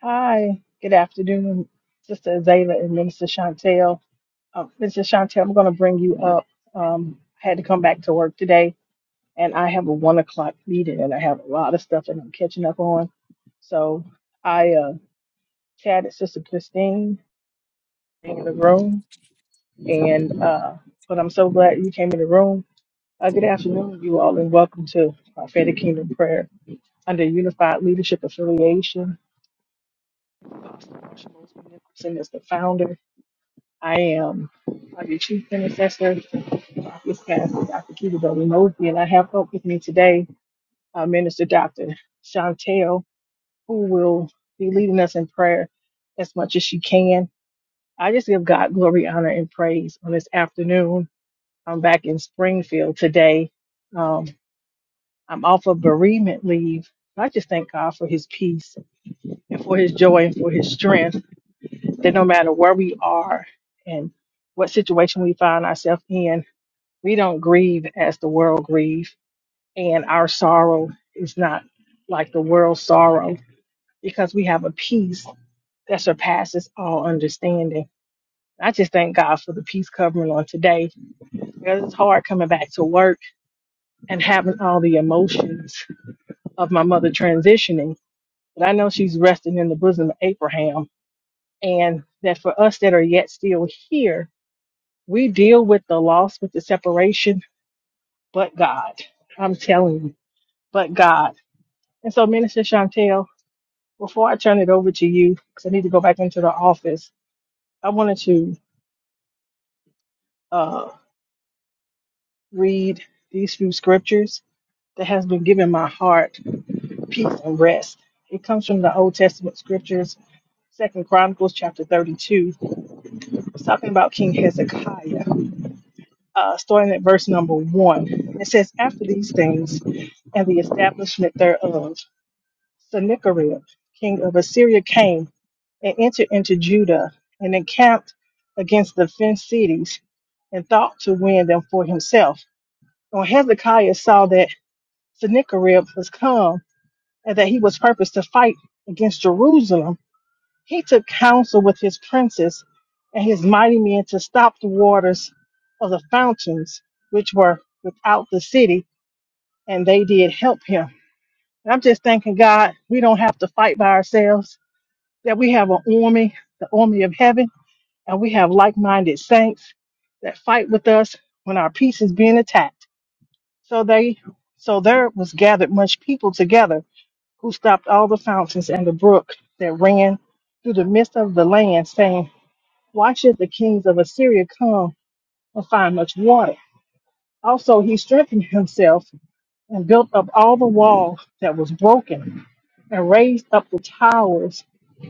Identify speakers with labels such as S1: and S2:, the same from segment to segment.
S1: Hi, good afternoon, Sister Azalea and Minister Chantel. Uh, Minister Chantel, I'm going to bring you up. Um, I had to come back to work today, and I have a one o'clock meeting, and I have a lot of stuff that I'm catching up on. So I uh, chatted Sister Christine in the room, and uh, but I'm so glad you came in the room. Uh, good afternoon, you all, and welcome to Prophetic Kingdom Prayer under Unified Leadership Affiliation. Apostle Marsha Mosby Nicholson is the founder I am uh, the chief intercessor, this pastor, Dr. Kitty Doby Mosby, and I have up with me today uh, Minister Dr. Chantel, who will be leading us in prayer as much as she can. I just give God glory, honor, and praise on this afternoon. I'm back in Springfield today. Um, I'm off of bereavement leave. I just thank God for his peace and for his joy and for his strength that no matter where we are and what situation we find ourselves in, We don't grieve as the world grieves, and our sorrow is not like the world's sorrow because we have a peace that surpasses all understanding. I just thank God for the peace covering on today because it's hard coming back to work and having all the emotions of my mother transitioning. But I know she's resting in the bosom of Abraham, and that for us that are yet still here, we deal with the loss, with the separation, but God. I'm telling you, but God. And so, Minister Chantel, before I turn it over to you, because I need to go back into the office, I wanted to uh, read these few scriptures that has been giving my heart peace and rest. It comes from the Old Testament scriptures, Second Chronicles chapter 32. It's talking about King Hezekiah, uh, starting at verse number one. It says, After these things and the establishment thereof. Sennacherib, king of Assyria, came and entered into Judah and encamped against the fenced cities and thought to win them for himself. When Hezekiah saw that Sennacherib was come and that he was purposed to fight against Jerusalem, he took counsel with his princes and his mighty men to stop the waters of the fountains which were without the city, and they did help him. And I'm just thanking God we don't have to fight by ourselves that we have an army, the army of heaven, and we have like minded saints that fight with us when our peace is being attacked. So they so there was gathered much people together who stopped all the fountains and the brook that ran through the midst of the land, saying, Why should the kings of Assyria come and find much water? Also he strengthened himself and built up all the wall that was broken, and raised up the towers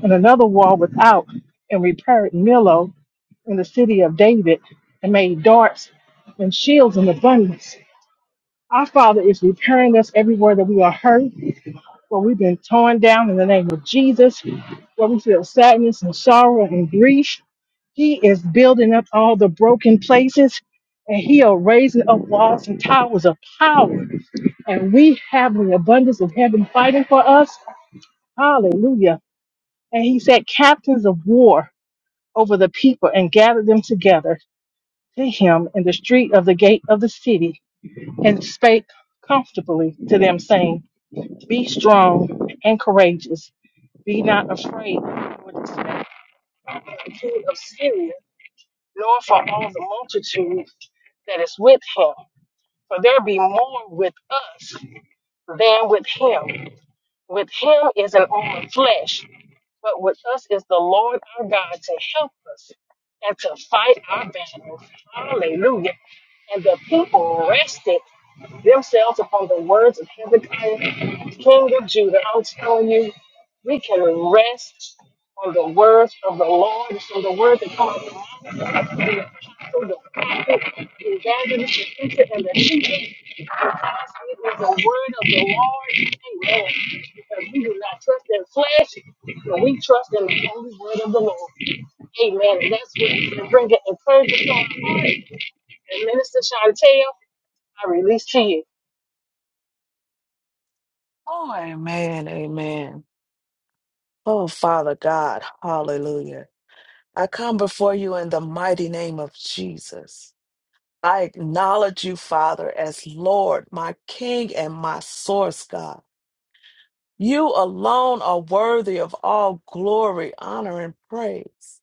S1: and another wall without, and repaired Millo in the city of David and made darts and shields in abundance. Our Father is repairing us everywhere that we are hurt, where we've been torn down in the name of Jesus, where we feel sadness and sorrow and grief. He is building up all the broken places and He are raising up walls and towers of power. And we have the abundance of heaven fighting for us. Hallelujah. And He set captains of war over the people and gathered them together. to him in the street of the gate of the city, and spake comfortably to them, saying, Be strong and courageous, be not afraid for the king of Syria, nor for all the multitude that is with him. For there be more with us than with him. With him is an arm of flesh, But with us is the Lord our God to help us and to fight our battles. Hallelujah. And the people rested themselves upon the words of Hezekiah, king of Judah. I'm telling you, we can rest on the words of the Lord, from the words that come out of the mouth of the apostle, the prophet, the evangelist, the preacher, and the teacher. Because it is the word of the Lord. Amen. Because we do not trust in flesh, but we trust in the holy word of the Lord. Amen. And that's what we bring it encouragement to our heart. And Minister Chantel, I release to you.
S2: Oh, amen, amen. Oh, Father God, hallelujah. I come before you in the mighty name of Jesus. I acknowledge you, Father, as Lord, my King, and my source, God. You alone are worthy of all glory, honor, and praise.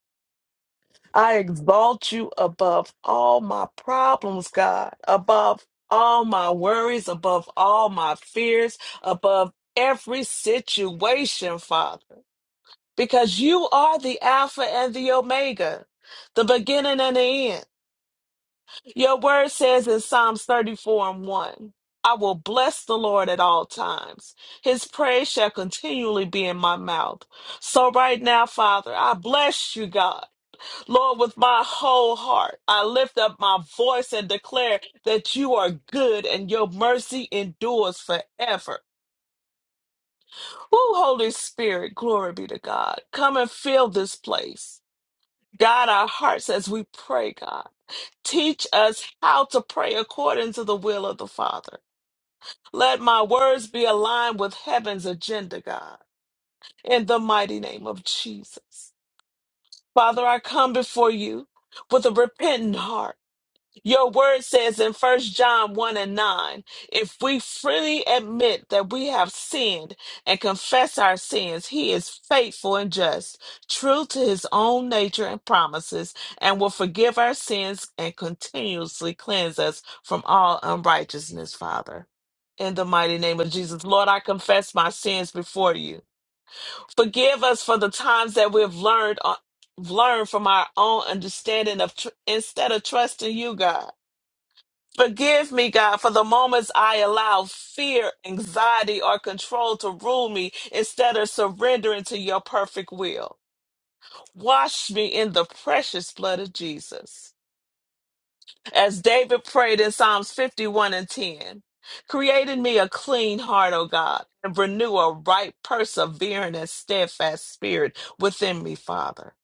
S2: I exalt you above all my problems, God, above all my worries, above all my fears, above every situation, Father. because you are the Alpha and the Omega, the beginning and the end. Your word says in Psalms 34 and 1 I will bless the Lord at all times, his praise shall continually be in my mouth. So, right now, Father, I bless you, God. Lord, with my whole heart, I lift up my voice and declare that you are good and your mercy endures forever. Who, Holy Spirit, glory be to God. Come and fill this place. God, our hearts as we pray, God. Teach us how to pray according to the will of the Father. Let my words be aligned with heaven's agenda, God, in the mighty name of Jesus. Father, I come before you with a repentant heart your word says in First John 1 and 9 if we freely admit that we have sinned and confess our sins, he is faithful and just, true to his own nature and promises, and will forgive our sins and continuously cleanse us from all unrighteousness, Father. In the mighty name of Jesus, Lord, I confess my sins before you. Forgive us for the times that we've learned, uh, learned from our own understanding of tr- instead of trusting you, God. Forgive me, God, for the moments I allow fear, anxiety, or control to rule me instead of surrendering to your perfect will. Wash me in the precious blood of Jesus. As David prayed in Psalms 51 and 10, create in me a clean heart, O God, and renew a right, persevering, and steadfast spirit within me, Father.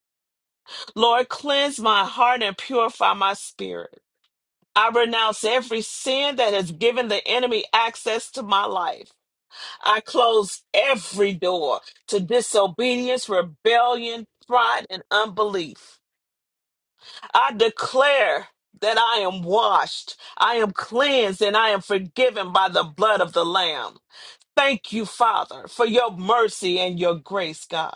S2: Lord, cleanse my heart and purify my spirit. I renounce every sin that has given the enemy access to my life. I close every door to disobedience, rebellion, pride, and unbelief. I declare that I am washed, I am cleansed, and I am forgiven by the blood of the Lamb. Thank you, Father, for your mercy and your grace, God.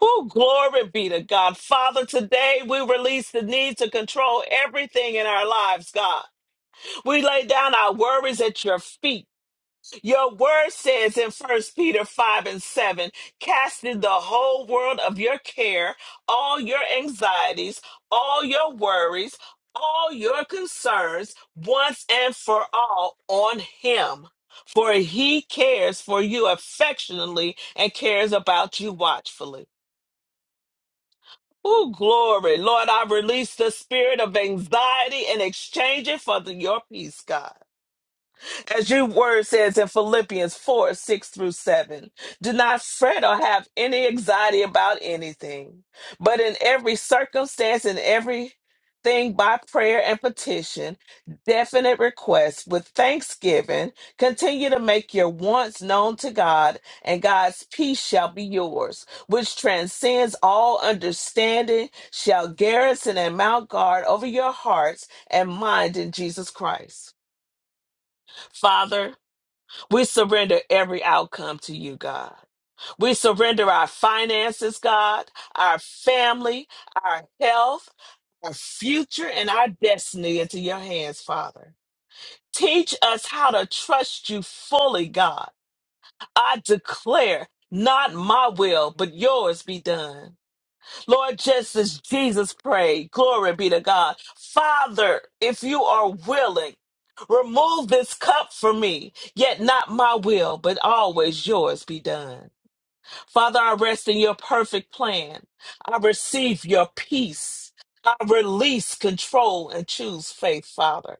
S2: Oh, glory be to God. Father, today we release the need to control everything in our lives, God. We lay down our worries at your feet. Your word says in First Peter 5 and 7, casting the whole world of your care, all your anxieties, all your worries, all your concerns, once and for all on him. For he cares for you affectionately and cares about you watchfully. Oh, glory. Lord, I release the spirit of anxiety and exchange it for the- your peace, God. As your word says in Philippians 4 6 through 7, do not fret or have any anxiety about anything, but in every circumstance and everything by prayer and petition, definite requests with thanksgiving, continue to make your wants known to God, and God's peace shall be yours, which transcends all understanding, shall garrison and mount guard over your hearts and mind in Jesus Christ. Father, we surrender every outcome to you, God. We surrender our finances, God, our family, our health, our future, and our destiny into your hands, Father. Teach us how to trust you fully, God. I declare, not my will, but yours be done. Lord, just as Jesus prayed, glory be to God. Father, if you are willing, remove this cup from me, yet not my will, but always yours be done. Father, I rest in your perfect plan. I receive your peace. I release control and choose faith, Father.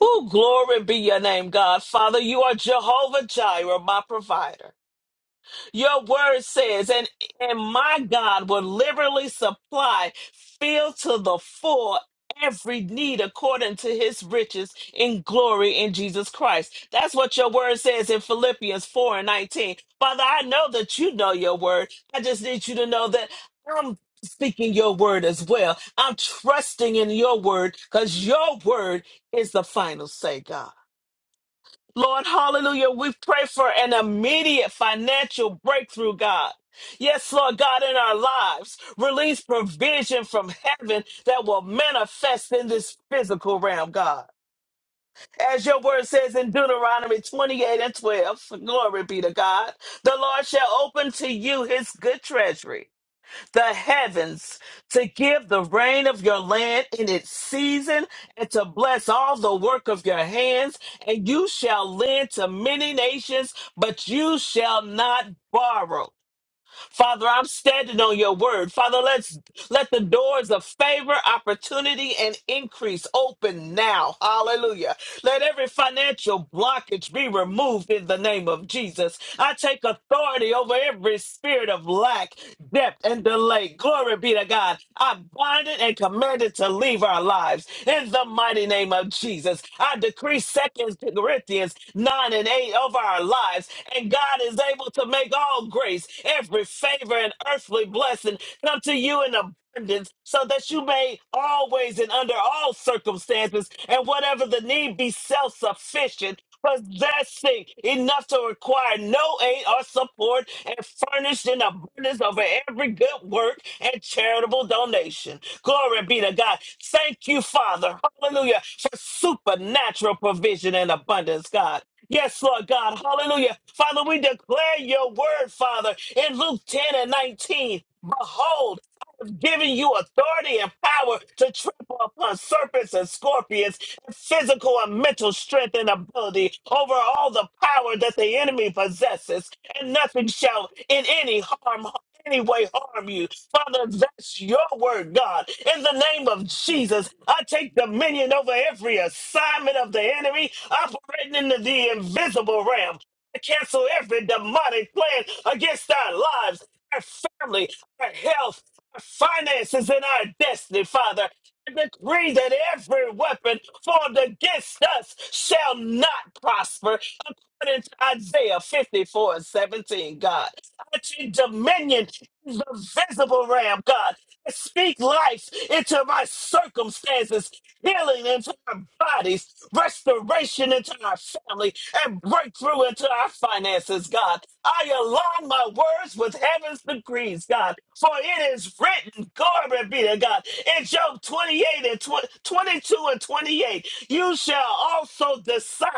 S2: Oh, glory be your name, God. Father, you are Jehovah Jireh, my provider. Your word says, and, and my God will liberally supply, fill to the full every need according to his riches in glory in Jesus Christ. That's what your word says in Philippians 4 and 19. Father, I know that you know your word. I just need you to know that I'm speaking your word as well. I'm trusting in your word because your word is the final say, God. Lord, hallelujah. We pray for an immediate financial breakthrough, God. Yes, Lord God, in our lives, release provision from heaven that will manifest in this physical realm, God. As your word says in Deuteronomy 28 and 12, glory be to God, the Lord shall open to you his good treasury the heavens to give the rain of your land in its season and to bless all the work of your hands. And you shall lend to many nations, but you shall not borrow. Father, I'm standing on your word. Father, let's let the doors of favor, opportunity, and increase open now. Hallelujah. Let every financial blockage be removed in the name of Jesus. I take authority over every spirit of lack, debt, and delay. Glory be to God. I bind it and command it to leave our lives in the mighty name of Jesus. I decree second. Second Corinthians 9 and 8 of our lives. And God is able to make all grace, every favor, and earthly blessing come to you in abundance so that you may always and under all circumstances and whatever the need be self sufficient. Possessing enough to require no aid or support, and furnished in abundance over every good work and charitable donation. Glory be to God. Thank you, Father. Hallelujah. For supernatural provision and abundance, God. Yes, Lord God. Hallelujah. Father, we declare your word, Father, in Luke 10 and 19. Behold, I've given you authority and power to trample upon serpents and scorpions, and physical and mental strength and ability over all the power that the enemy possesses, and nothing shall in any harm any way harm you. Father, that's your word, God. In the name of Jesus, I take dominion over every assignment of the enemy operating in the the invisible realm. I cancel every demonic plan against our lives, our family, our health finances and our destiny, Father. I decree that every weapon formed against us shall not prosper, according to Isaiah 54 and 17, God. I take dominion in the visible realm, God. I speak life into my circumstances healing into our bodies, restoration into our family, and breakthrough into our finances, God. I align my words with heaven's decrees, God, for it is written, glory be to God, in Job 28 and 20, 22 and 28, you shall also the Son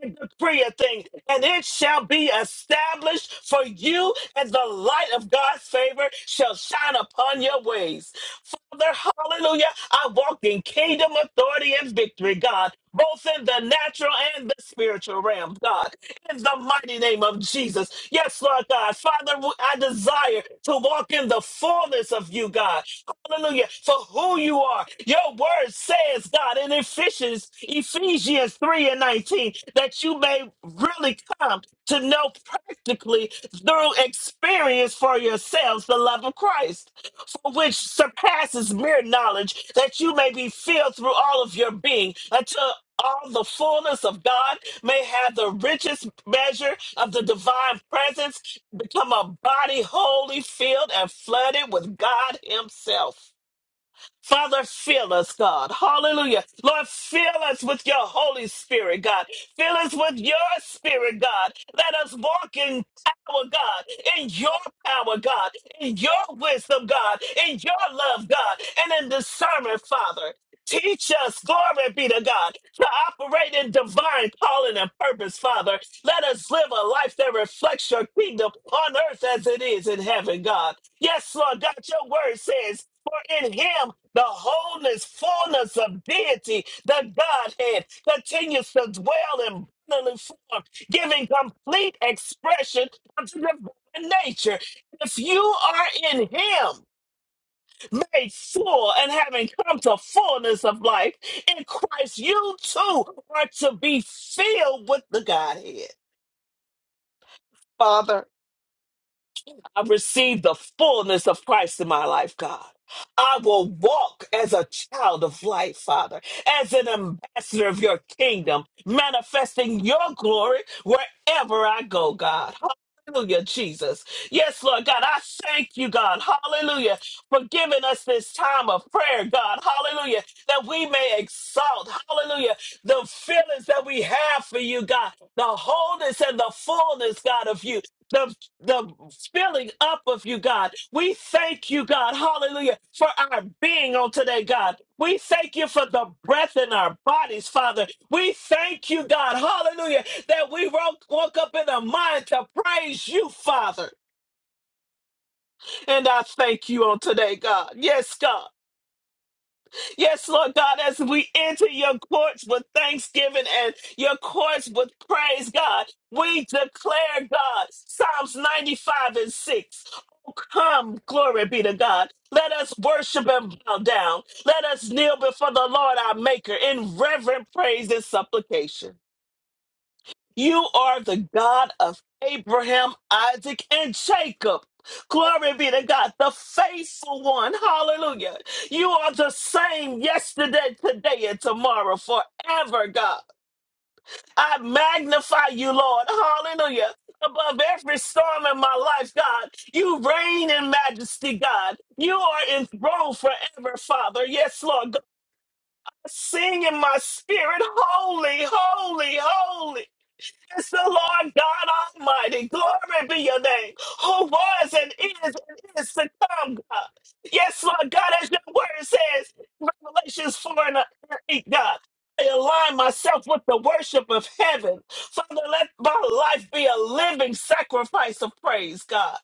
S2: and decree a thing, and it shall be established for you, and the light of God's favor shall shine upon your ways. Father, hallelujah, I walk in kingdom authority and victory, God, both in the natural and the spiritual realm, God in the mighty name of Jesus. Yes, Lord God. Father, w- I desire to walk in the fullness of you, God. Hallelujah. For who you are. Your word says, God, in Ephesians, Ephesians 3 and 19, that you may really come to know practically through experience for yourselves the love of Christ for which surpasses mere knowledge, that you may be filled through all of your being, until all the fullness of God may have the richest measure of the divine presence, become a body wholly filled and flooded with God Himself. Father, fill us, God. Hallelujah. Lord, fill us with your Holy Spirit, God. Fill us with your Spirit, God. Let us walk in power, God, in your power, God, in your wisdom, God, in your love, God, and in discernment, Father. Teach us, glory be to God, to operate in divine calling and purpose, Father. Let us live a life that reflects your kingdom on earth as it is in heaven, God. Yes, Lord God, your word says, For in him the wholeness, fullness of deity, the Godhead, continues to dwell in bodily form, giving complete expression of the divine nature. If you are in him, made full and having come to fullness of life in Christ, you too are to be filled with the Godhead. Father, I receive the fullness of Christ in my life, God. I will walk as a child of light, Father, as an ambassador of your kingdom, manifesting your glory wherever I go, God. Hallelujah, Jesus. Yes, Lord God, I thank you, God. Hallelujah, for giving us this time of prayer, God. Hallelujah, that we may exalt, hallelujah, the feelings that we have for you, God, the wholeness and the fullness, God, of you the filling up of you, God. We thank you, God, hallelujah, for our being on today, God. We thank you for the breath in our bodies, Father. We thank you, God, hallelujah, that we woke, woke up in a mind to praise you, Father. And I thank you on today, God. Yes, God. Yes, Lord God, as we enter your courts with thanksgiving and your courts with praise, God, we declare, God, Psalms 95 and 6. Oh, Come, glory be to God. Let us worship and bow down. Let us kneel before the Lord our Maker in reverent praise and supplication. You are the God of Abraham, Isaac, and Jacob. Glory be to God, the faithful one. Hallelujah. You are the same yesterday, today, and tomorrow, forever, God. I magnify you, Lord. Hallelujah. Above every storm in my life, God, you reign in majesty, God. You are enthroned forever, Father. Yes, Lord. God, sing in my spirit, holy, holy, holy. It's the Lord God Almighty. Glory be your name, who was and is and is to come, God. Yes, Lord God, as your word says, Revelations 4 and uh, 8, God. I align myself with the worship of heaven. Father, let my life be a living sacrifice of praise, God.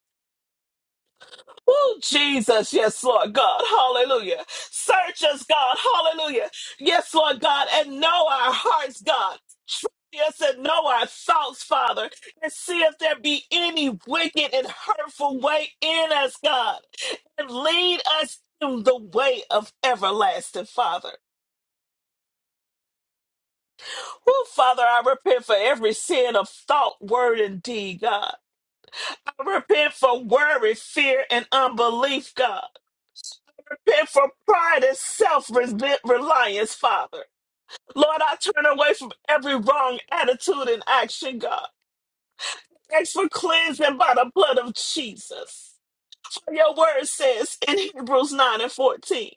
S2: Oh, Jesus, yes, Lord God, hallelujah. Search us, God, hallelujah. Yes, Lord God, and know our hearts, God. Try us and know our thoughts, Father, and see if there be any wicked and hurtful way in us, God, and lead us in the way of everlasting, Father. Oh, Father, I repent for every sin of thought, word, and deed, God. I repent for worry, fear, and unbelief, God. repent from pride and self reliance, Father. Lord, I turn away from every wrong attitude and action, God. Thanks for cleansing by the blood of Jesus. For Your word says in Hebrews 9 and 14,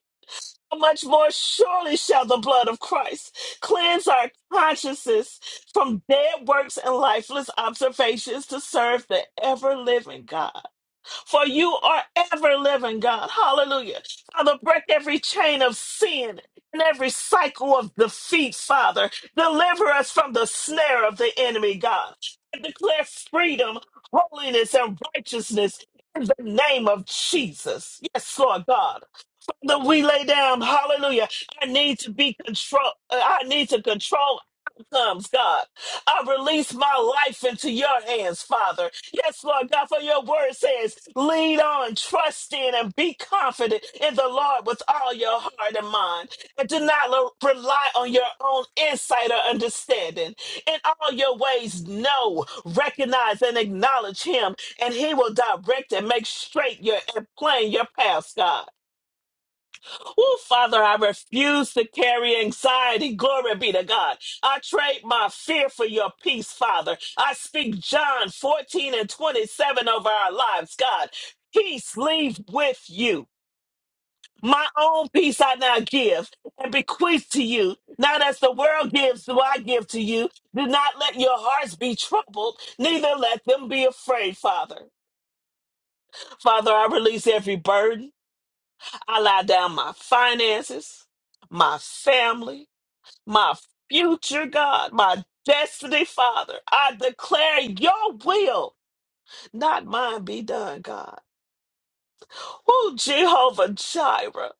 S2: "How much more surely shall the blood of Christ cleanse our consciences from dead works and lifeless observations to serve the ever living God for you are ever living, God. Hallelujah. Father, break every chain of sin and every cycle of defeat, Father. Deliver us from the snare of the enemy, God. And declare freedom, holiness, and righteousness in the name of Jesus. Yes, Lord God that we lay down. Hallelujah. I need to be control. uh, I need to control outcomes, God. I release my life into your hands, Father. Yes, Lord God, for your word says, lead on, trust in, and be confident in the Lord with all your heart and mind. And do not lo- rely on your own insight or understanding. In all your ways, know, recognize, and acknowledge him, and he will direct and make straight your and plain your paths, God. Oh, Father, I refuse to carry anxiety. Glory be to God. I trade my fear for your peace, Father. I speak John 14 and 27 over our lives, God. Peace leave with you. My own peace I now give and bequeath to you. Not as the world gives, do I give to you. Do not let your hearts be troubled, neither let them be afraid, Father. Father, I release every burden. I lie down my finances, my family, my future God, my destiny, Father. I declare your will, not mine, be done, God. Oh, Jehovah Jireh,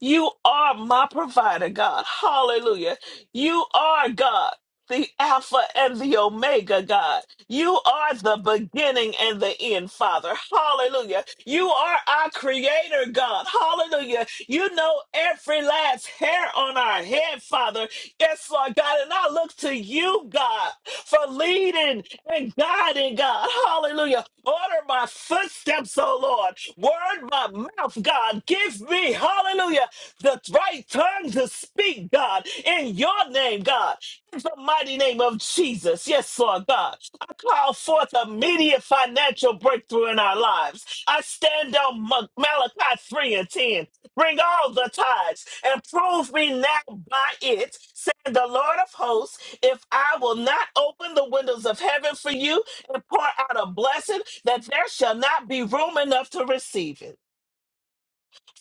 S2: you are my provider, God. Hallelujah. You are God. The Alpha and the Omega, God. You are the beginning and the end, Father. Hallelujah. You are our creator, God. Hallelujah. You know every last hair on our head, Father. Yes, Lord God. And I look to you, God, for leading and guiding, God. Hallelujah. Order my footsteps, oh Lord. Word my mouth, God. Give me, hallelujah, the right tongue to speak, God, in your name, God. In the mighty name of Jesus. Yes, Lord God. I call forth immediate financial breakthrough in our lives. I stand on Ma- Malachi 3 and 10. Bring all the tithes and prove me now by it, saying the Lord of hosts, if I will not open the windows of heaven for you and pour out a blessing that there shall not be room enough to receive it.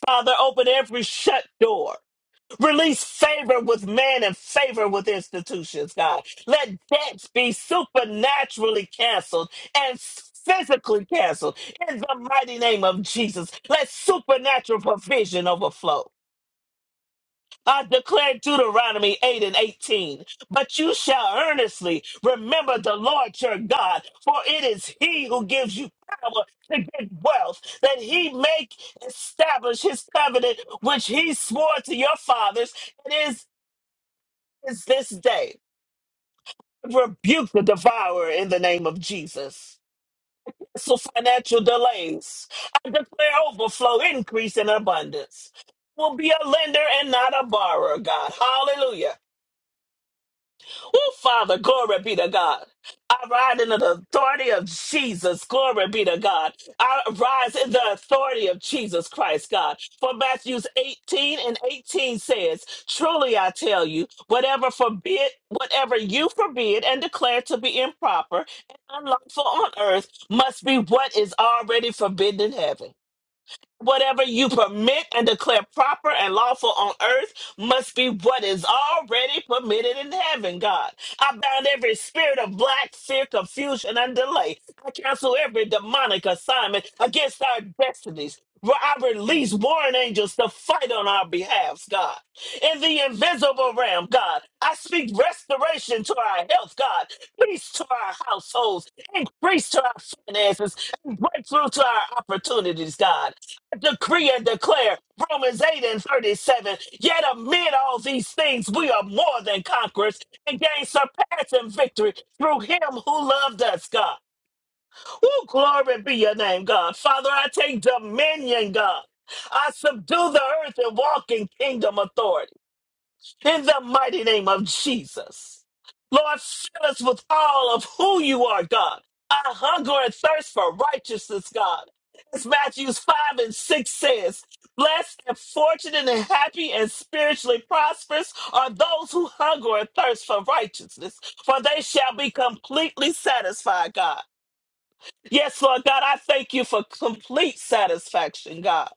S2: Father, open every shut door. Release favor with man and favor with institutions, God. Let debts be supernaturally canceled and physically canceled in the mighty name of Jesus. Let supernatural provision overflow. I declare Deuteronomy 8 and 18. But you shall earnestly remember the Lord your God, for it is he who gives you power to get wealth, that he make establish his covenant, which he swore to your fathers. It is, is this day. Rebuke the devourer in the name of Jesus. So financial delays. I declare overflow, increase, and abundance. Will be a lender and not a borrower, God. Hallelujah. Oh, Father, glory be to God. I ride in the authority of Jesus. Glory be to God. I rise in the authority of Jesus Christ, God. For Matthew's 18 and 18 says, Truly I tell you, whatever forbid, whatever you forbid and declare to be improper and unlawful on earth must be what is already forbidden in heaven. Whatever you permit and declare proper and lawful on earth must be what is already permitted in heaven, God. I bound every spirit of black fear, confusion, and delay. I cancel every demonic assignment against our destinies. Where I release warring angels to fight on our behalf, God. In the invisible realm, God, I speak restoration to our health, God, peace to our households, increase to our finances, breakthrough to our opportunities, God decree and declare Romans 8 and 37. Yet amid all these things, we are more than conquerors and gain surpassing victory through him who loved us, God. Oh, glory be your name, God. Father, I take dominion, God. I subdue the earth and walk in kingdom authority in the mighty name of Jesus. Lord, fill us with all of who you are, God. I hunger and thirst for righteousness, God. As Matthews 5 and 6 says, Blessed and fortunate and happy and spiritually prosperous are those who hunger and thirst for righteousness, for they shall be completely satisfied, God. Yes, Lord God, I thank you for complete satisfaction, God.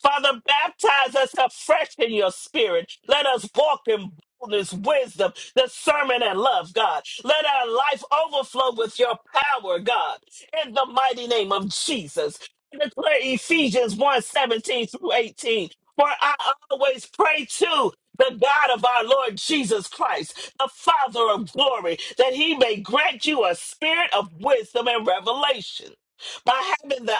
S2: Father, baptize us afresh in your spirit. Let us walk in boldness, wisdom, discernment, and love, God. Let our life overflow with your power, God. In the mighty name of Jesus. I declare Ephesians one seventeen through 18. For I always pray to the God of our Lord Jesus Christ, the Father of glory, that he may grant you a spirit of wisdom and revelation by having the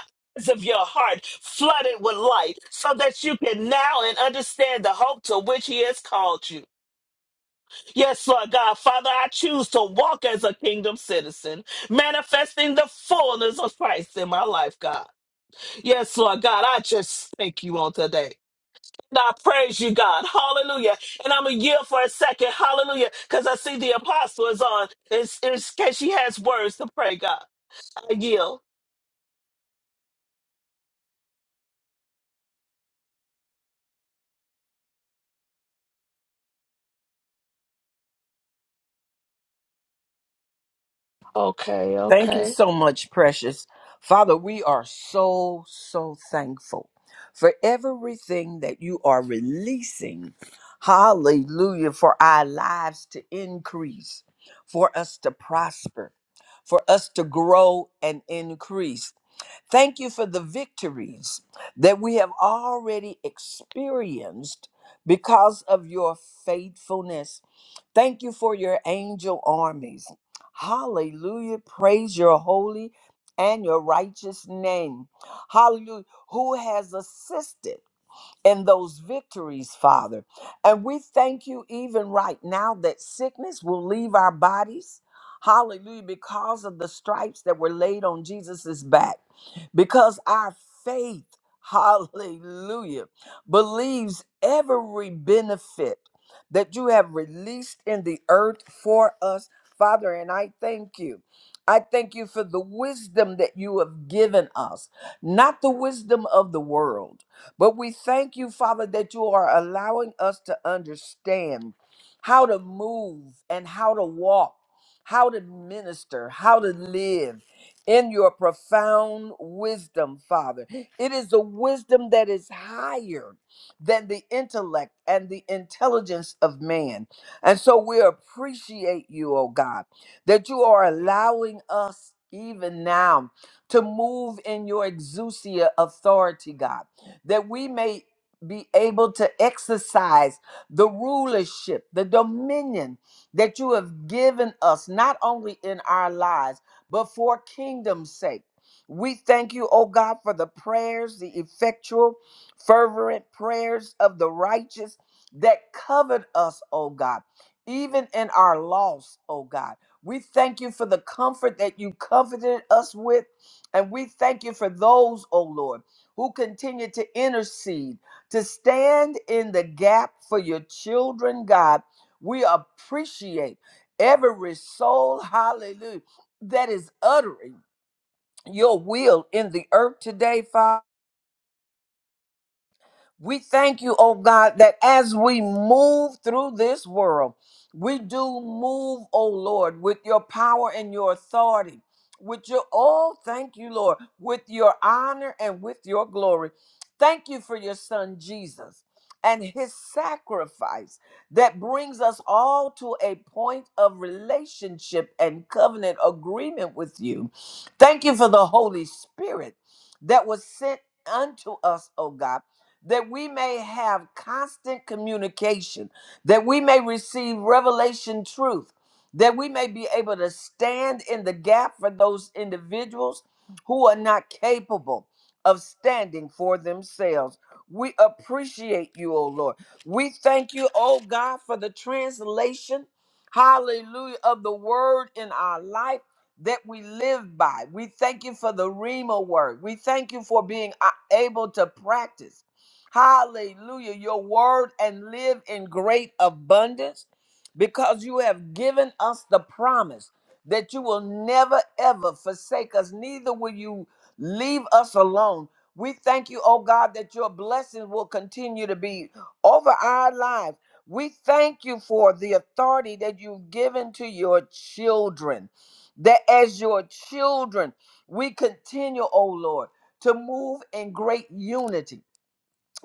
S2: of your heart flooded with light so that you can now and understand the hope to which he has called you. Yes, Lord God, Father, I choose to walk as a kingdom citizen, manifesting the fullness of Christ in my life, God. Yes, Lord God, I just thank you on today. And I praise you, God. Hallelujah. And I'm going to yield for a second. Hallelujah. Because I see the apostle is on. It's, in case she has words to pray, God. I yield. Okay,
S3: Thank you
S2: okay.
S3: so much, precious. Father, we are so, so thankful for everything that you are releasing. Hallelujah. For our lives to increase, for us to prosper, for us to grow and increase. Thank you for the victories that we have already experienced because of your faithfulness Thank you for your angel armies. Hallelujah. Praise your holy and your righteous name. Hallelujah. Who has assisted in those victories, Father. And we thank you even right now that sickness will leave our bodies. Hallelujah. Because of the stripes that were laid on Jesus's back because our faith, hallelujah, believes every benefit that you have released in the earth for us, Father. And I thank you. I thank you for the wisdom that you have given us, not the wisdom of the world, but we thank you, Father, that you are allowing us to understand how to move and how to walk, how to minister, how to live in your profound wisdom, Father. It is a wisdom that is higher than the intellect and the intelligence of man. And so we appreciate you, oh God, that you are allowing us even now to move in your exousia authority, God, that we may be able to exercise the rulership, the dominion that you have given us, not only in our lives but for kingdom's sake. We thank you, O God, for the prayers, the effectual, fervent prayers of the righteous that covered us, O God, even in our loss, O God. We thank you for the comfort that you comforted us with. And we thank you for those, O Lord, who continue to intercede, to stand in the gap for your children, God. We appreciate every soul, hallelujah that is uttering your will in the earth today, Father. We thank you, oh God, that as we move through this world, we do move, oh Lord, with your power and your authority. With your, oh, thank you, Lord, with your honor and with your glory. Thank you for your son, Jesus, and his sacrifice that brings us all to a point of relationship and covenant agreement with you. Thank you for the Holy Spirit that was sent unto us, oh God that we may have constant communication, that we may receive revelation truth, that we may be able to stand in the gap for those individuals who are not capable of standing for themselves. We appreciate you, O Lord. We thank you, O God, for the translation, hallelujah, of the word in our life that we live by. We thank you for the Rima word. We thank you for being uh, able to practice hallelujah, your word and live in great abundance because you have given us the promise that you will never ever forsake us, neither will you leave us alone. We thank you, oh God, that your blessings will continue to be over our lives. We thank you for the authority that you've given to your children. That as your children, we continue, oh Lord, to move in great unity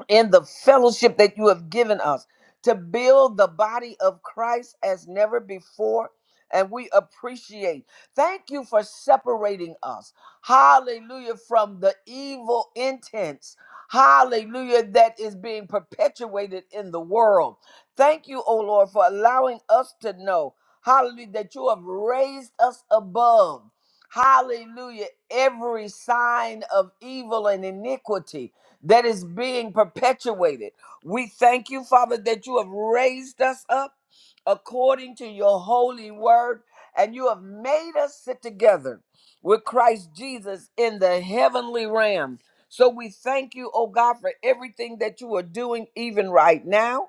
S3: and the fellowship that you have given us to build the body of Christ as never before. And we appreciate. Thank you for separating us. Hallelujah. From the evil intents. Hallelujah. That is being perpetuated in the world. Thank you, O Lord, for allowing us to know. Hallelujah. That you have raised us above. Hallelujah. Every sign of evil and iniquity that is being perpetuated. We thank you, Father, that you have raised us up according to your holy word, and you have made us sit together with Christ Jesus in the heavenly realm. So we thank you, oh God, for everything that you are doing even right now.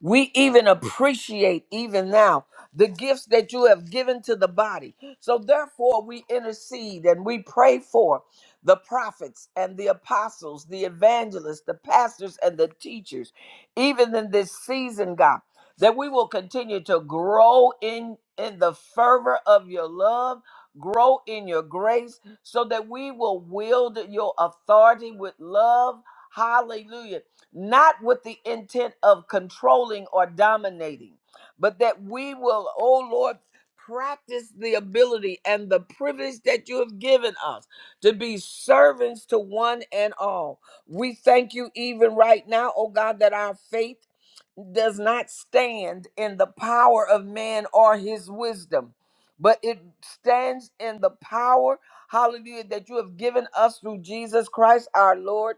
S3: We even appreciate, even now, the gifts that you have given to the body. So, therefore, we intercede and we pray for the prophets and the apostles, the evangelists, the pastors, and the teachers, even in this season, God, that we will continue to grow in, in the fervor of your love, grow in your grace, so that we will wield your authority with love. Hallelujah not with the intent of controlling or dominating, but that we will, oh Lord, practice the ability and the privilege that you have given us to be servants to one and all. We thank you even right now, oh God, that our faith does not stand in the power of man or his wisdom, but it stands in the power, hallelujah, that you have given us through Jesus Christ our Lord.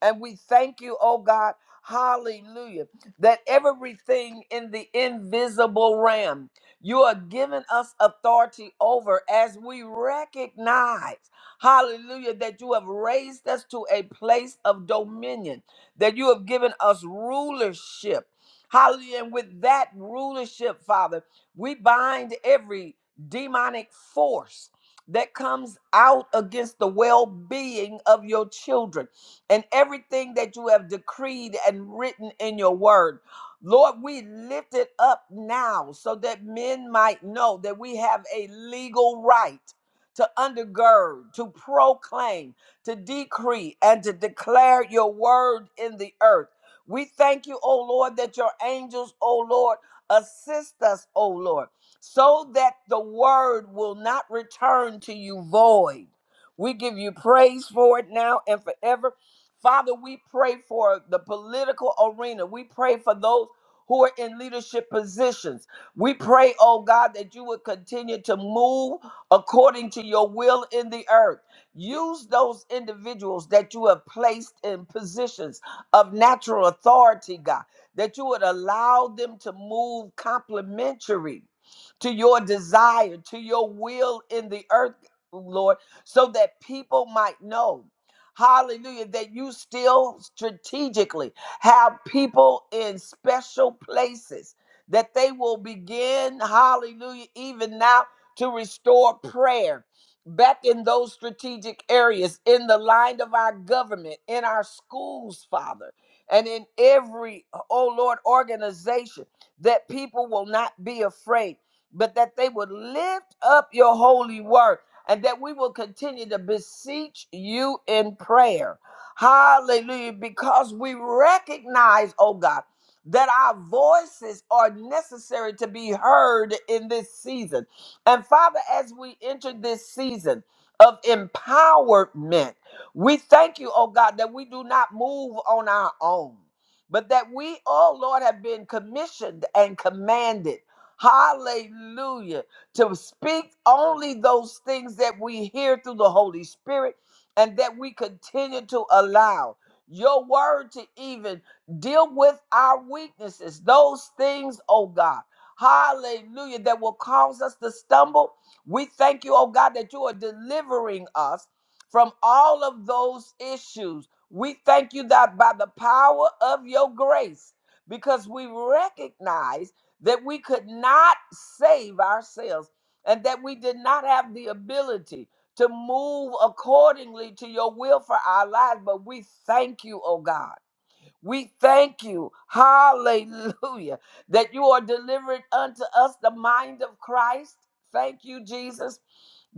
S3: And we thank you, oh God, hallelujah, that everything in the invisible realm you are giving us authority over as we recognize, hallelujah, that you have raised us to a place of dominion, that you have given us rulership. Hallelujah. And with that rulership, Father, we bind every demonic force that comes out against the well being of your children and everything that you have decreed and written in your word. Lord, we lift it up now so that men might know that we have a legal right to undergird, to proclaim, to decree, and to declare your word in the earth. We thank you, O Lord, that your angels, O Lord, assist us, O Lord, so that the word will not return to you void. We give you praise for it now and forever. Father, we pray for the political arena. We pray for those who are in leadership positions. We pray, oh God, that you would continue to move according to your will in the earth. Use those individuals that you have placed in positions of natural authority, God, that you would allow them to move complementary to your desire, to your will in the earth, Lord, so that people might know. Hallelujah. That you still strategically have people in special places that they will begin, hallelujah, even now to restore prayer back in those strategic areas, in the line of our government, in our schools, Father, and in every, oh Lord, organization, that people will not be afraid, but that they would lift up your holy word and that we will continue to beseech you in prayer. Hallelujah. Because we recognize, oh God, that our voices are necessary to be heard in this season. And Father, as we enter this season of empowerment, we thank you, oh God, that we do not move on our own, but that we, oh Lord, have been commissioned and commanded. Hallelujah to speak only those things that we hear through the Holy Spirit and that we continue to allow your word to even deal with our weaknesses, those things, oh God. Hallelujah, that will cause us to stumble. We thank you, oh God, that you are delivering us from all of those issues. We thank you that by the power of your grace, because we recognize that we could not save ourselves and that we did not have the ability to move accordingly to your will for our lives. But we thank you, oh God. We thank you, hallelujah, that you are delivered unto us the mind of Christ. Thank you, Jesus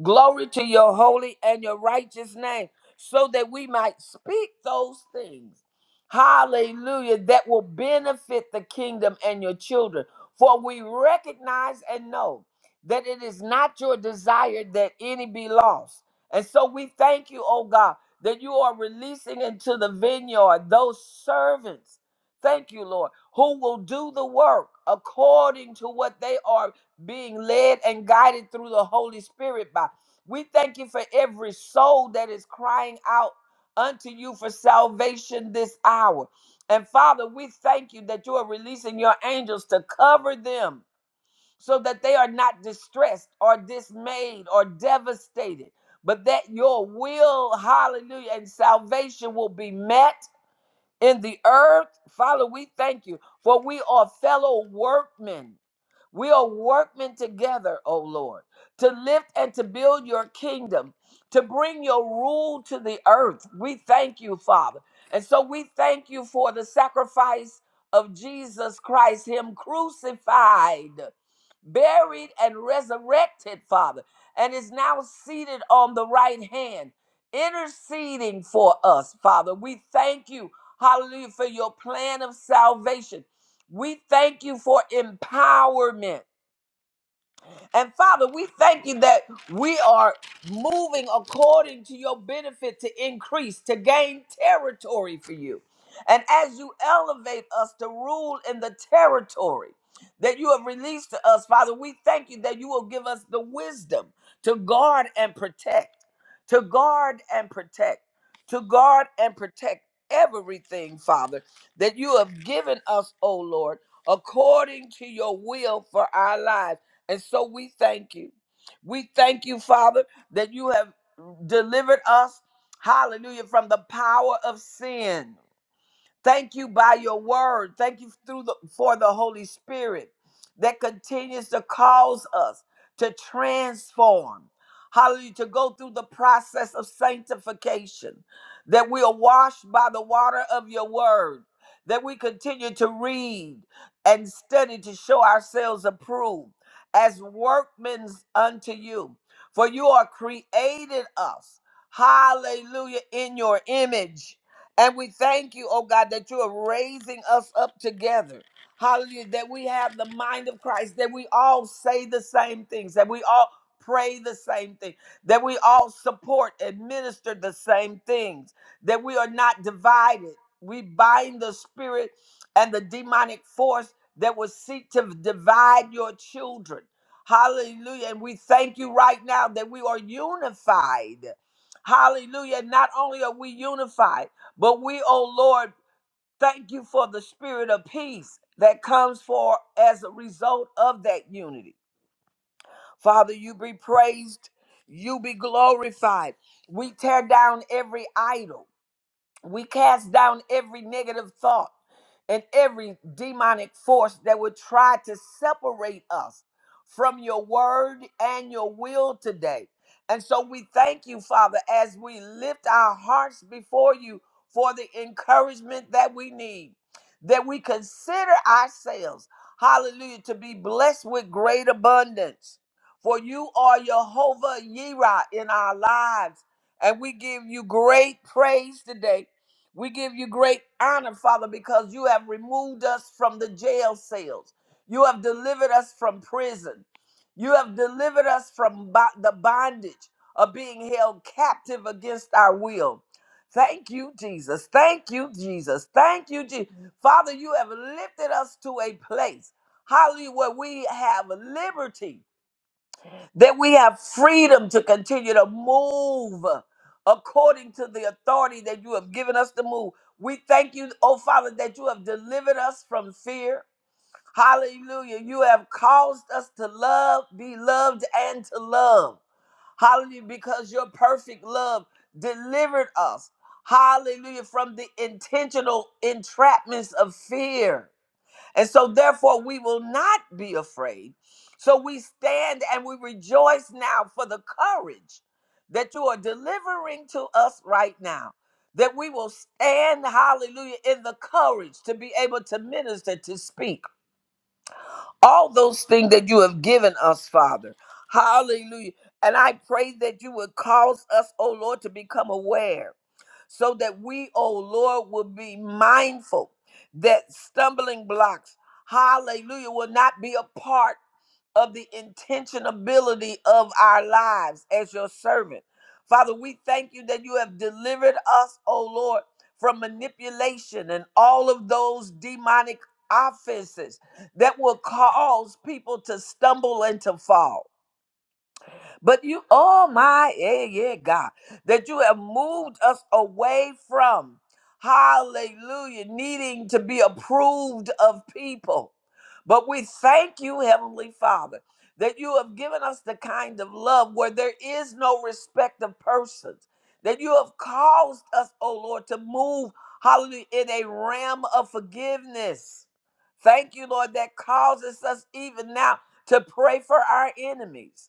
S3: Glory to your holy and your righteous name, so that we might speak those things. Hallelujah. That will benefit the kingdom and your children. For we recognize and know that it is not your desire that any be lost. And so we thank you, oh God, that you are releasing into the vineyard those servants. Thank you, Lord, who will do the work according to what they are being led and guided through the Holy Spirit by. We thank you for every soul that is crying out unto you for salvation this hour. And Father, we thank you that you are releasing your angels to cover them so that they are not distressed or dismayed or devastated, but that your will, hallelujah, and salvation will be met in the earth. Father, we thank you for we are fellow workmen we are workmen together, O Lord, to lift and to build your kingdom, to bring your rule to the earth. We thank you, Father. And so we thank you for the sacrifice of Jesus Christ, Him crucified, buried, and resurrected, Father, and is now seated on the right hand, interceding for us, Father. We thank you, hallelujah, for your plan of salvation we thank you for empowerment. And Father, we thank you that we are moving according to your benefit to increase, to gain territory for you. And as you elevate us to rule in the territory that you have released to us, Father, we thank you that you will give us the wisdom to guard and protect, to guard and protect, to guard and protect everything, Father, that you have given us, O Lord, according to your will for our lives and so we thank you. We thank you, Father, that you have delivered us, hallelujah, from the power of sin. Thank you by your word. Thank you through the, for the Holy Spirit that continues to cause us to transform. Hallelujah. To go through the process of sanctification, that we are washed by the water of your word, that we continue to read and study to show ourselves approved as workmen unto you. For you are created us, hallelujah, in your image and we thank you, oh God, that you are raising us up together. Hallelujah. That we have the mind of Christ, that we all say the same things, that we all pray the same thing, that we all support and minister the same things, that we are not divided. We bind the spirit and the demonic force that will seek to divide your children. Hallelujah. And we thank you right now that we are unified. Hallelujah. Not only are we unified, but we, oh Lord, thank you for the spirit of peace that comes for as a result of that unity. Father, you be praised, you be glorified. We tear down every idol we cast down every negative thought and every demonic force that would try to separate us from your word and your will today. And so we thank you, Father, as we lift our hearts before you for the encouragement that we need, that we consider ourselves, hallelujah, to be blessed with great abundance. For you are Jehovah Yireh in our lives, and we give you great praise today we give you great honor, Father, because you have removed us from the jail cells. You have delivered us from prison. You have delivered us from bo- the bondage of being held captive against our will. Thank you, Jesus. Thank you, Jesus. Thank you, Jesus. Father, you have lifted us to a place, hallelujah, where we have liberty that we have freedom to continue to move according to the authority that you have given us to move. We thank you, oh Father, that you have delivered us from fear. Hallelujah. You have caused us to love, be loved, and to love. Hallelujah. Because your perfect love delivered us. Hallelujah. From the intentional entrapments of fear. And so, therefore, we will not be afraid. So, we stand and we rejoice now for the courage that you are delivering to us right now. That we will stand, hallelujah, in the courage to be able to minister, to speak all those things that you have given us, Father. Hallelujah. And I pray that you would cause us, oh Lord, to become aware so that we, oh Lord, will be mindful that stumbling blocks, hallelujah, will not be a part of the intentionability of our lives as your servant. Father, we thank you that you have delivered us, oh Lord, from manipulation and all of those demonic offenses that will cause people to stumble and to fall. But you, oh my, yeah, yeah, yeah, God, that you have moved us away from, hallelujah, needing to be approved of people. But we thank you, Heavenly Father, that you have given us the kind of love where there is no respect of persons, that you have caused us, oh Lord, to move, hallelujah, in a realm of forgiveness. Thank you, Lord, that causes us even now to pray for our enemies.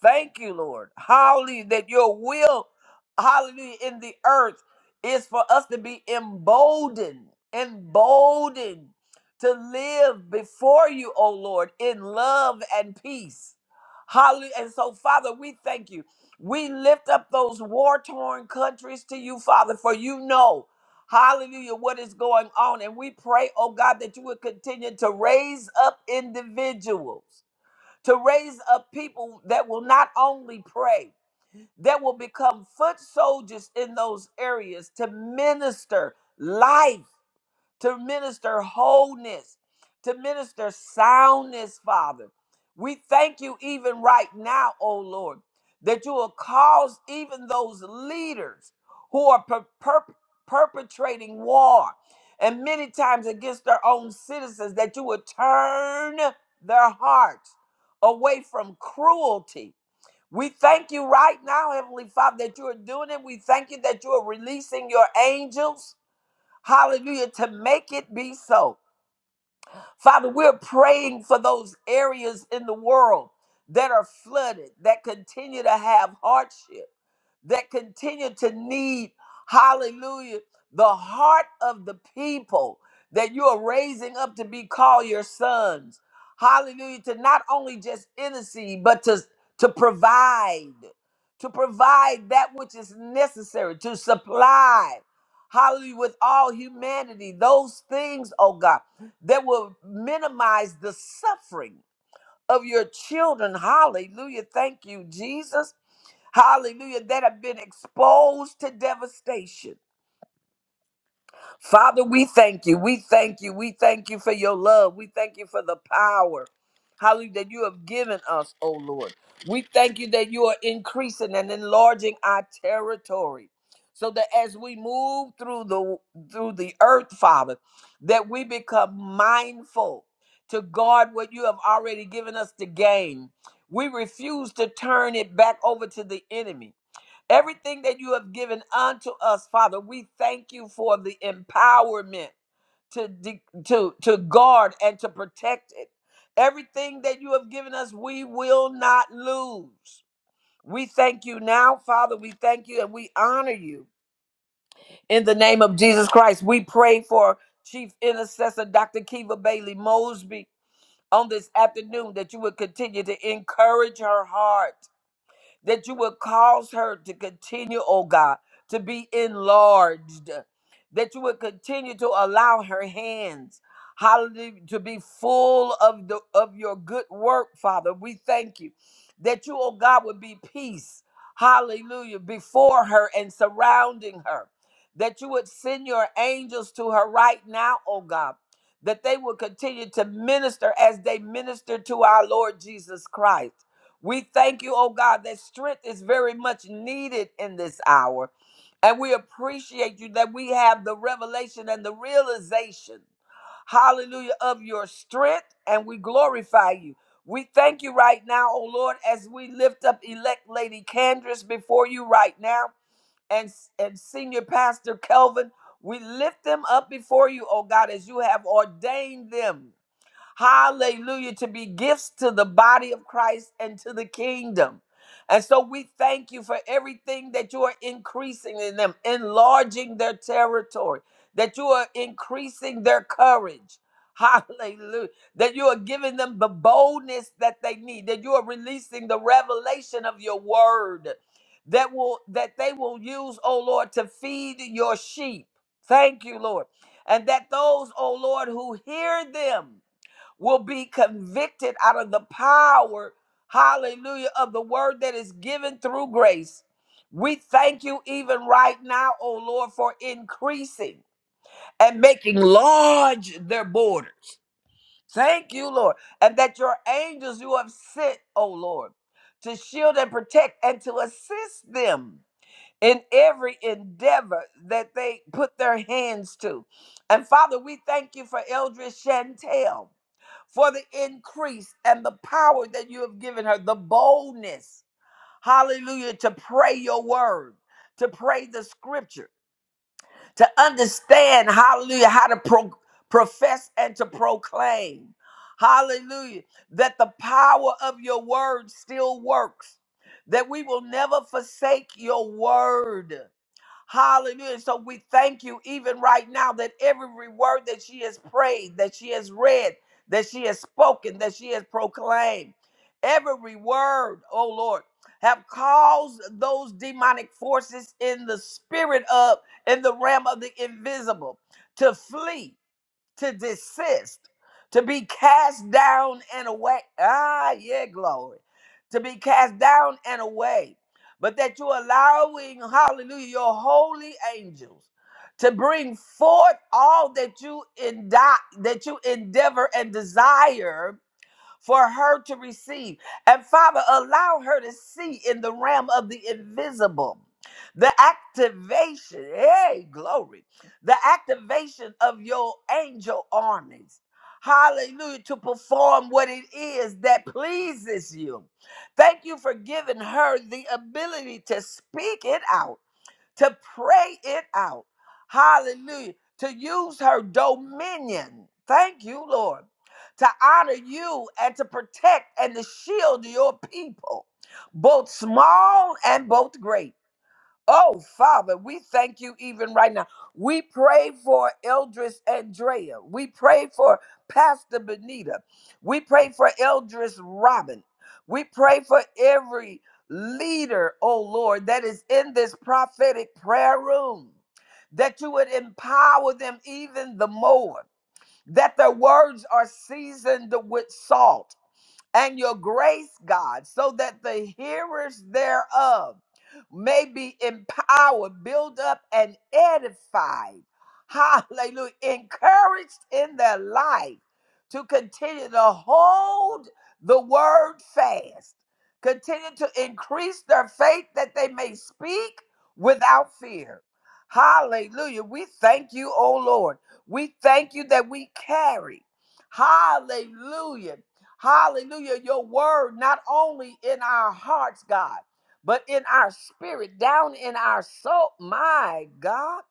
S3: Thank you, Lord. Hallelujah. That your will, hallelujah, in the earth is for us to be emboldened, emboldened to live before you, O Lord, in love and peace. Hallelujah. And so, Father, we thank you. We lift up those war torn countries to you, Father, for you know, hallelujah, what is going on. And we pray, oh God, that you would continue to raise up individuals to raise up people that will not only pray, that will become foot soldiers in those areas to minister life to minister wholeness, to minister soundness, Father. We thank you even right now, oh Lord, that you will cause even those leaders who are per- per- perpetrating war and many times against their own citizens, that you would turn their hearts away from cruelty. We thank you right now, Heavenly Father, that you are doing it. We thank you that you are releasing your angels Hallelujah. To make it be so. Father, we're praying for those areas in the world that are flooded, that continue to have hardship, that continue to need, hallelujah, the heart of the people that you are raising up to be called your sons. Hallelujah, to not only just intercede, but to, to provide, to provide that which is necessary, to supply, hallelujah, with all humanity, those things, oh God that will minimize the suffering of your children. Hallelujah. Thank you, Jesus. Hallelujah. That have been exposed to devastation. Father, we thank you. We thank you. We thank you for your love. We thank you for the power, hallelujah, that you have given us, oh Lord. We thank you that you are increasing and enlarging our territory. So that as we move through the through the earth, Father, that we become mindful to guard what you have already given us to gain. We refuse to turn it back over to the enemy. Everything that you have given unto us, Father, we thank you for the empowerment to, de- to, to guard and to protect it. Everything that you have given us, we will not lose. We thank you now, Father. We thank you and we honor you. In the name of Jesus Christ, we pray for Chief Intercessor Dr. Kiva Bailey Mosby on this afternoon that you would continue to encourage her heart that you would cause her to continue, oh God, to be enlarged, that you would continue to allow her hands, hallelujah, to be full of the of your good work, Father. We thank you that you, oh God, would be peace, hallelujah, before her and surrounding her. That you would send your angels to her right now, oh God, that they would continue to minister as they minister to our Lord Jesus Christ we thank you, oh God, that strength is very much needed in this hour. And we appreciate you that we have the revelation and the realization, hallelujah, of your strength, and we glorify you. We thank you right now, oh Lord, as we lift up elect Lady Candress before you right now and, and Senior Pastor Kelvin. We lift them up before you, oh God, as you have ordained them. Hallelujah. To be gifts to the body of Christ and to the kingdom. And so we thank you for everything that you are increasing in them, enlarging their territory, that you are increasing their courage. Hallelujah. That you are giving them the boldness that they need, that you are releasing the revelation of your word that will that they will use, oh Lord, to feed your sheep. Thank you, Lord. And that those, oh Lord, who hear them will be convicted out of the power, hallelujah, of the word that is given through grace. We thank you even right now, oh Lord, for increasing and making large their borders. Thank you, Lord, and that your angels you have sent, oh Lord, to shield and protect and to assist them in every endeavor that they put their hands to. And Father, we thank you for Eldridge Chantel for the increase and the power that you have given her, the boldness, hallelujah, to pray your word, to pray the scripture, to understand, hallelujah, how to pro- profess and to proclaim, hallelujah, that the power of your word still works, that we will never forsake your word. Hallelujah. So we thank you even right now that every word that she has prayed, that she has read, that she has spoken, that she has proclaimed, every word, oh Lord, have caused those demonic forces in the spirit of, in the realm of the invisible to flee to desist, to be cast down and away. Ah, yeah, glory. To be cast down and away. But that you're allowing, hallelujah, your holy angels to bring forth all that you indi- that you endeavor and desire for her to receive. And Father, allow her to see in the realm of the invisible. The activation, hey, glory, the activation of your angel armies. Hallelujah, to perform what it is that pleases you. Thank you for giving her the ability to speak it out to pray it out. Hallelujah. To use her dominion. Thank you, Lord. To honor you and to protect and to shield your people, both small and both great. Oh, Father, we thank you even right now. We pray for Eldris Andrea. We pray for Pastor Benita. We pray for Eldris Robin. We pray for every leader, oh Lord, that is in this prophetic prayer room, that you would empower them even the more, that their words are seasoned with salt and your grace, God, so that the hearers thereof may be empowered, built up, and edified. Hallelujah. Encouraged in their life to continue to hold the word fast, continue to increase their faith that they may speak without fear. Hallelujah. We thank you, oh Lord. We thank you that we carry. Hallelujah Hallelujah. Your word, not only in our hearts, God, but in our spirit, down in our soul. My God,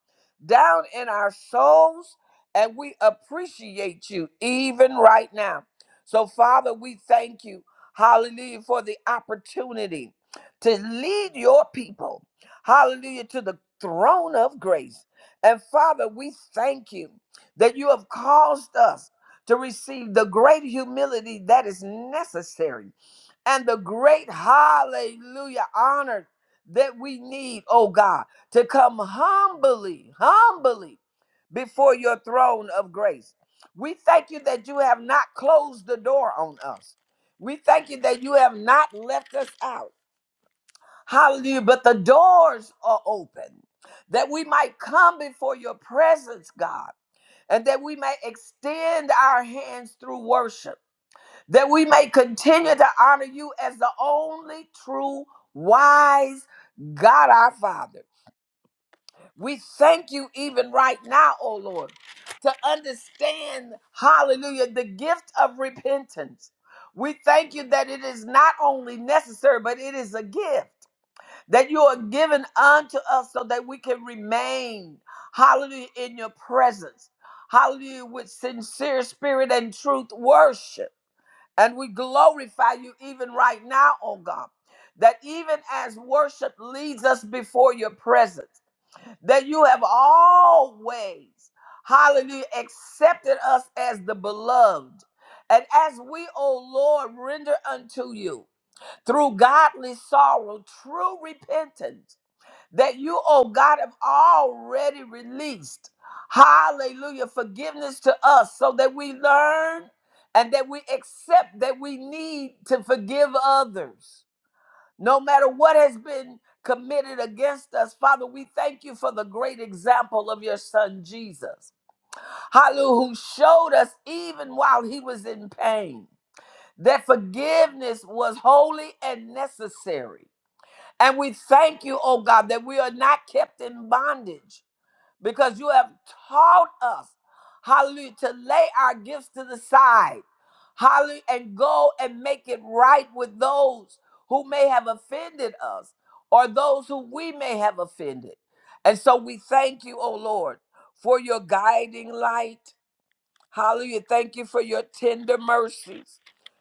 S3: down in our souls. And we appreciate you even right now. So, Father, we thank you. Hallelujah for the opportunity to lead your people. Hallelujah to the throne of grace. And Father, we thank you that you have caused us to receive the great humility that is necessary and the great hallelujah honor that we need, oh God, to come humbly, humbly before your throne of grace. We thank you that you have not closed the door on us. We thank you that you have not left us out. Hallelujah. But the doors are open that we might come before your presence, God and that we may extend our hands through worship, that we may continue to honor you as the only true, wise God our Father. We thank you even right now, O Lord, to understand, hallelujah, the gift of repentance. We thank you that it is not only necessary, but it is a gift that you are given unto us so that we can remain, hallelujah, in your presence, hallelujah, with sincere spirit and truth worship. And we glorify you even right now, oh God, that even as worship leads us before your presence, that you have always, hallelujah, accepted us as the beloved. And as we, O Lord, render unto you through godly sorrow, true repentance that you, oh God, have already released. Hallelujah. Forgiveness to us so that we learn and that we accept that we need to forgive others. No matter what has been committed against us, Father, we thank you for the great example of your son, Jesus. Hallelujah, who showed us even while he was in pain that forgiveness was holy and necessary. And we thank you, oh God, that we are not kept in bondage because you have taught us, hallelujah, to lay our gifts to the side, hallelujah, and go and make it right with those who may have offended us or those who we may have offended. And so we thank you, oh Lord, for your guiding light. Hallelujah. Thank you for your tender mercies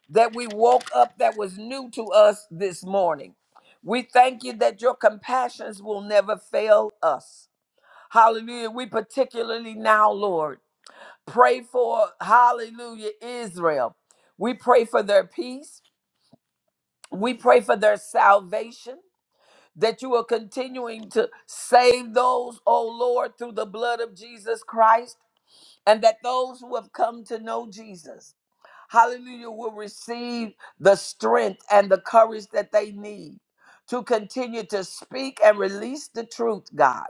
S3: that we woke up that was new to us this morning. We thank you that your compassions will never fail us. Hallelujah. We particularly now, Lord, pray for, hallelujah, Israel. We pray for their peace. We pray for their salvation, that you are continuing to save those, oh Lord, through the blood of Jesus Christ, and that those who have come to know Jesus hallelujah, will receive the strength and the courage that they need to continue to speak and release the truth, God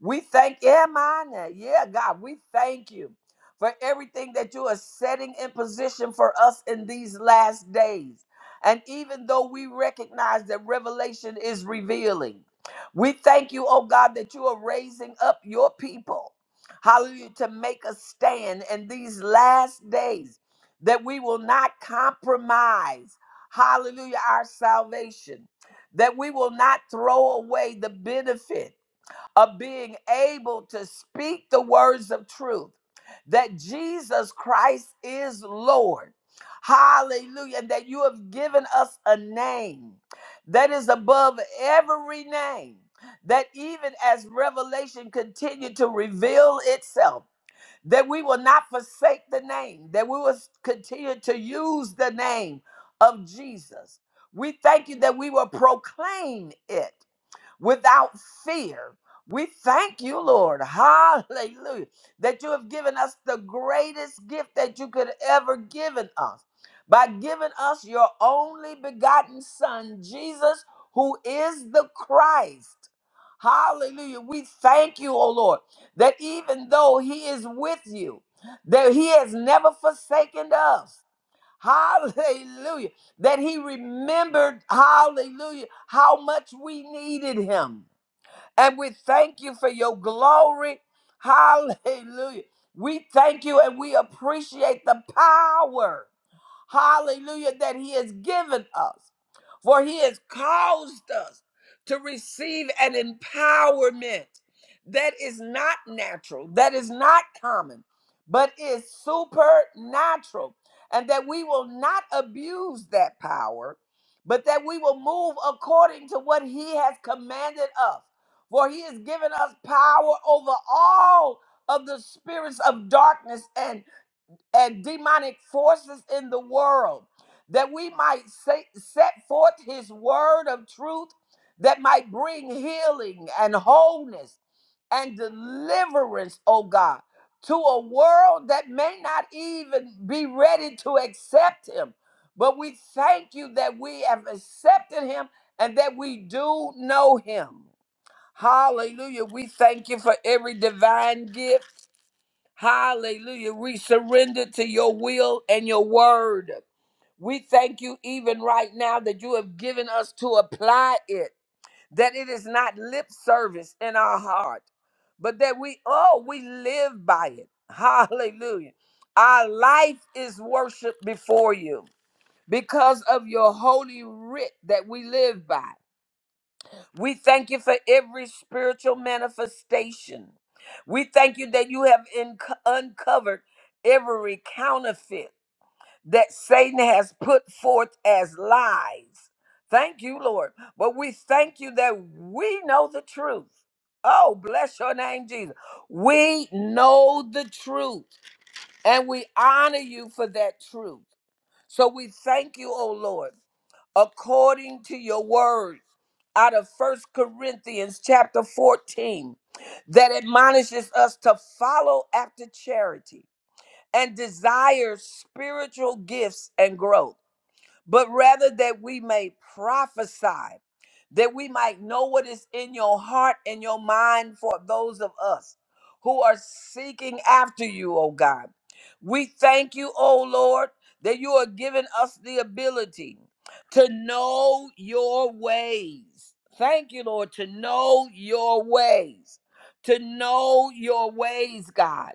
S3: we thank yeah, mine. Yeah, God, we thank you for everything that you are setting in position for us in these last days. And even though we recognize that revelation is revealing, we thank you, oh God, that you are raising up your people. Hallelujah, to make a stand in these last days, that we will not compromise, hallelujah, our salvation, that we will not throw away the benefit of being able to speak the words of truth that Jesus Christ is Lord. Hallelujah. And that you have given us a name that is above every name. That even as revelation continued to reveal itself, that we will not forsake the name, that we will continue to use the name of Jesus. We thank you that we will proclaim it without fear. We thank you, Lord. Hallelujah. That you have given us the greatest gift that you could ever given us by giving us your only begotten son, Jesus, who is the Christ. Hallelujah. We thank you, O Lord, that even though he is with you, that he has never forsaken us. Hallelujah. That he remembered, hallelujah, how much we needed him. And we thank you for your glory. Hallelujah. We thank you and we appreciate the power hallelujah, that He has given us. For He has caused us to receive an empowerment that is not natural, that is not common, but is supernatural. And that we will not abuse that power, but that we will move according to what He has commanded us. For He has given us power over all of the spirits of darkness and and demonic forces in the world, that we might say, set forth his word of truth that might bring healing and wholeness and deliverance, oh God, to a world that may not even be ready to accept him. But we thank you that we have accepted him and that we do know him. Hallelujah. We thank you for every divine gift. Hallelujah. We surrender to your will and your word. We thank you even right now that you have given us to apply it, that it is not lip service in our heart, but that we, oh, we live by it. Hallelujah. Our life is worship before you because of your holy writ that we live by. We thank you for every spiritual manifestation. We thank you that you have unco- uncovered every counterfeit that Satan has put forth as lies. Thank you, Lord. But we thank you that we know the truth. Oh, bless your name, Jesus. We know the truth and we honor you for that truth. So we thank you, O Lord, according to your word out of First Corinthians chapter 14 that admonishes us to follow after charity and desire spiritual gifts and growth but rather that we may prophesy, that we might know what is in your heart and your mind for those of us who are seeking after you, O God. We thank you, O Lord, that you are giving us the ability to know your ways. Thank you, Lord, to know your ways, to know your ways, God.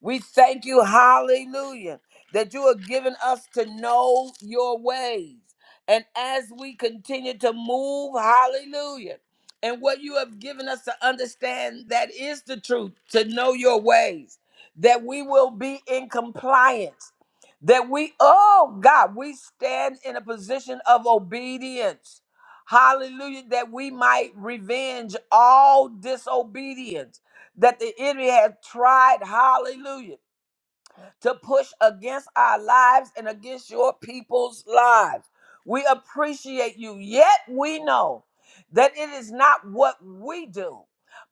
S3: We thank you, hallelujah, that you have given us to know your ways. And as we continue to move, hallelujah, and what you have given us to understand that is the truth, to know your ways, that we will be in compliance, that we, oh God, we stand in a position of obedience. Hallelujah, that we might revenge all disobedience that the enemy has tried, hallelujah, to push against our lives and against your people's lives. We appreciate you, yet we know that it is not what we do,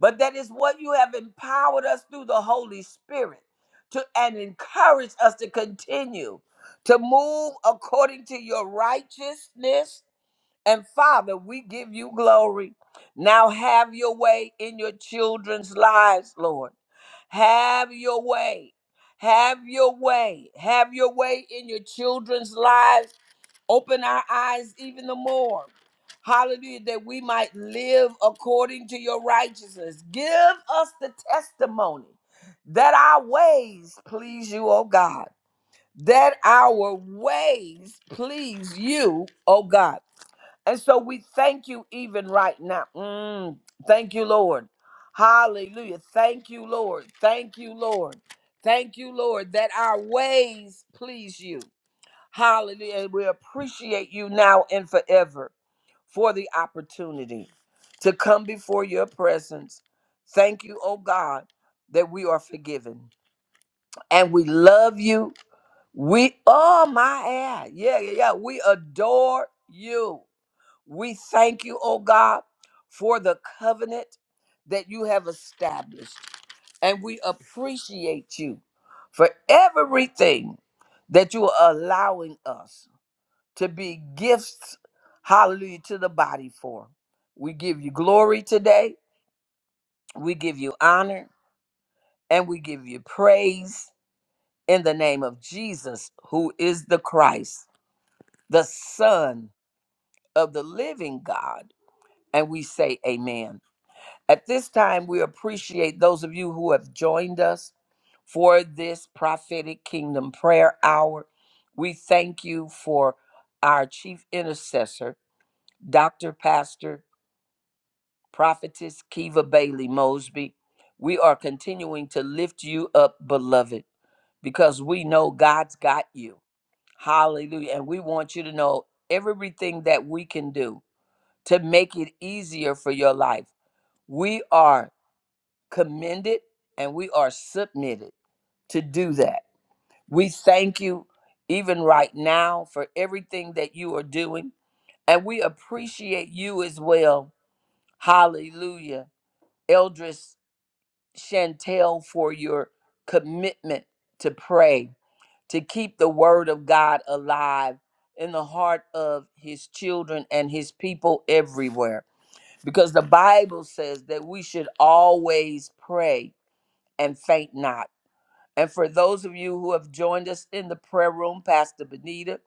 S3: but that is what you have empowered us through the Holy Spirit to and encourage us to continue to move according to your righteousness. And Father, we give you glory. Now have your way in your children's lives, Lord. Have your way. Have your way. Have your way in your children's lives. Open our eyes even the more. Hallelujah, that we might live according to your righteousness. Give us the testimony that our ways please you, O God. That our ways please you, O God. And so we thank you even right now. Mm, thank you, Lord. Hallelujah. Thank you, Lord. Thank you, Lord. Thank you, Lord, that our ways please you. Hallelujah. And we appreciate you now and forever for the opportunity to come before your presence. Thank you, oh God, that we are forgiven and we love you. We, oh my, yeah, yeah, yeah. yeah. We adore you. We thank you, oh God, for the covenant that you have established. And we appreciate you for everything that you are allowing us to be gifts, hallelujah, to the body for. We give you glory today. We give you honor and we give you praise in the name of Jesus, who is the Christ, the Son of the living God. And we say, Amen. At this time, we appreciate those of you who have joined us for this prophetic kingdom prayer hour. We thank you for our chief intercessor, Dr. Pastor Prophetess Kiva Bailey Mosby. We are continuing to lift you up, beloved, because we know God's got you. Hallelujah. And we want you to know everything that we can do to make it easier for your life. We are commended and we are submitted to do that. We thank you even right now for everything that you are doing. And we appreciate you as well. Hallelujah. Eldris Chantel for your commitment to pray, to keep the word of God alive in the heart of his children and his people everywhere. Because the Bible says that we should always pray and faint not. And for those of you who have joined us in the prayer room, Pastor Benita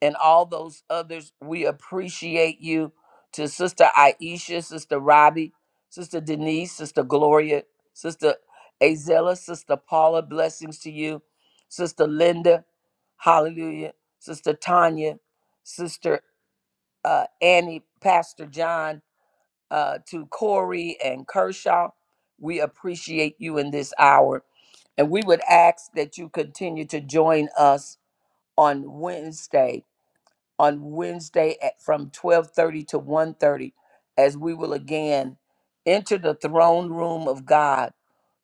S3: and all those others, we appreciate you. To Sister Aisha, Sister Robbie, Sister Denise, Sister Gloria, Sister Azella, Sister Paula, blessings to you. Sister Linda, hallelujah. Sister Tanya, Sister uh, Annie, Pastor John, uh, to Corey and Kershaw, we appreciate you in this hour and we would ask that you continue to join us on Wednesday, on Wednesday at from 12:30 to one thirty, as we will again enter the throne room of God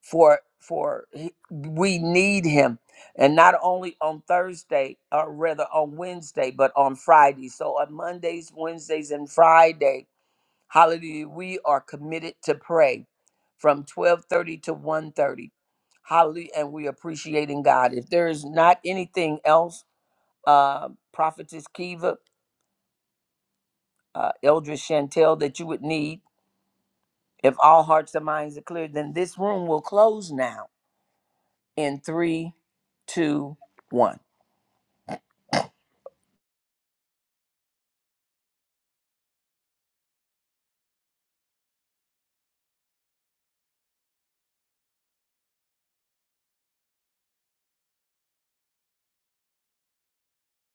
S3: for for he- we need him and not only on Thursday or rather on Wednesday but on Friday. So on Mondays, Wednesdays and Friday Hallelujah. We are committed to pray from 12:30 to one thirty, Hallelujah. And we appreciating God. If there is not anything else, uh, Prophetess Kiva, uh, Eldris Chantel, that you would need, if all hearts and minds are clear, then this room will close now in three, two, one.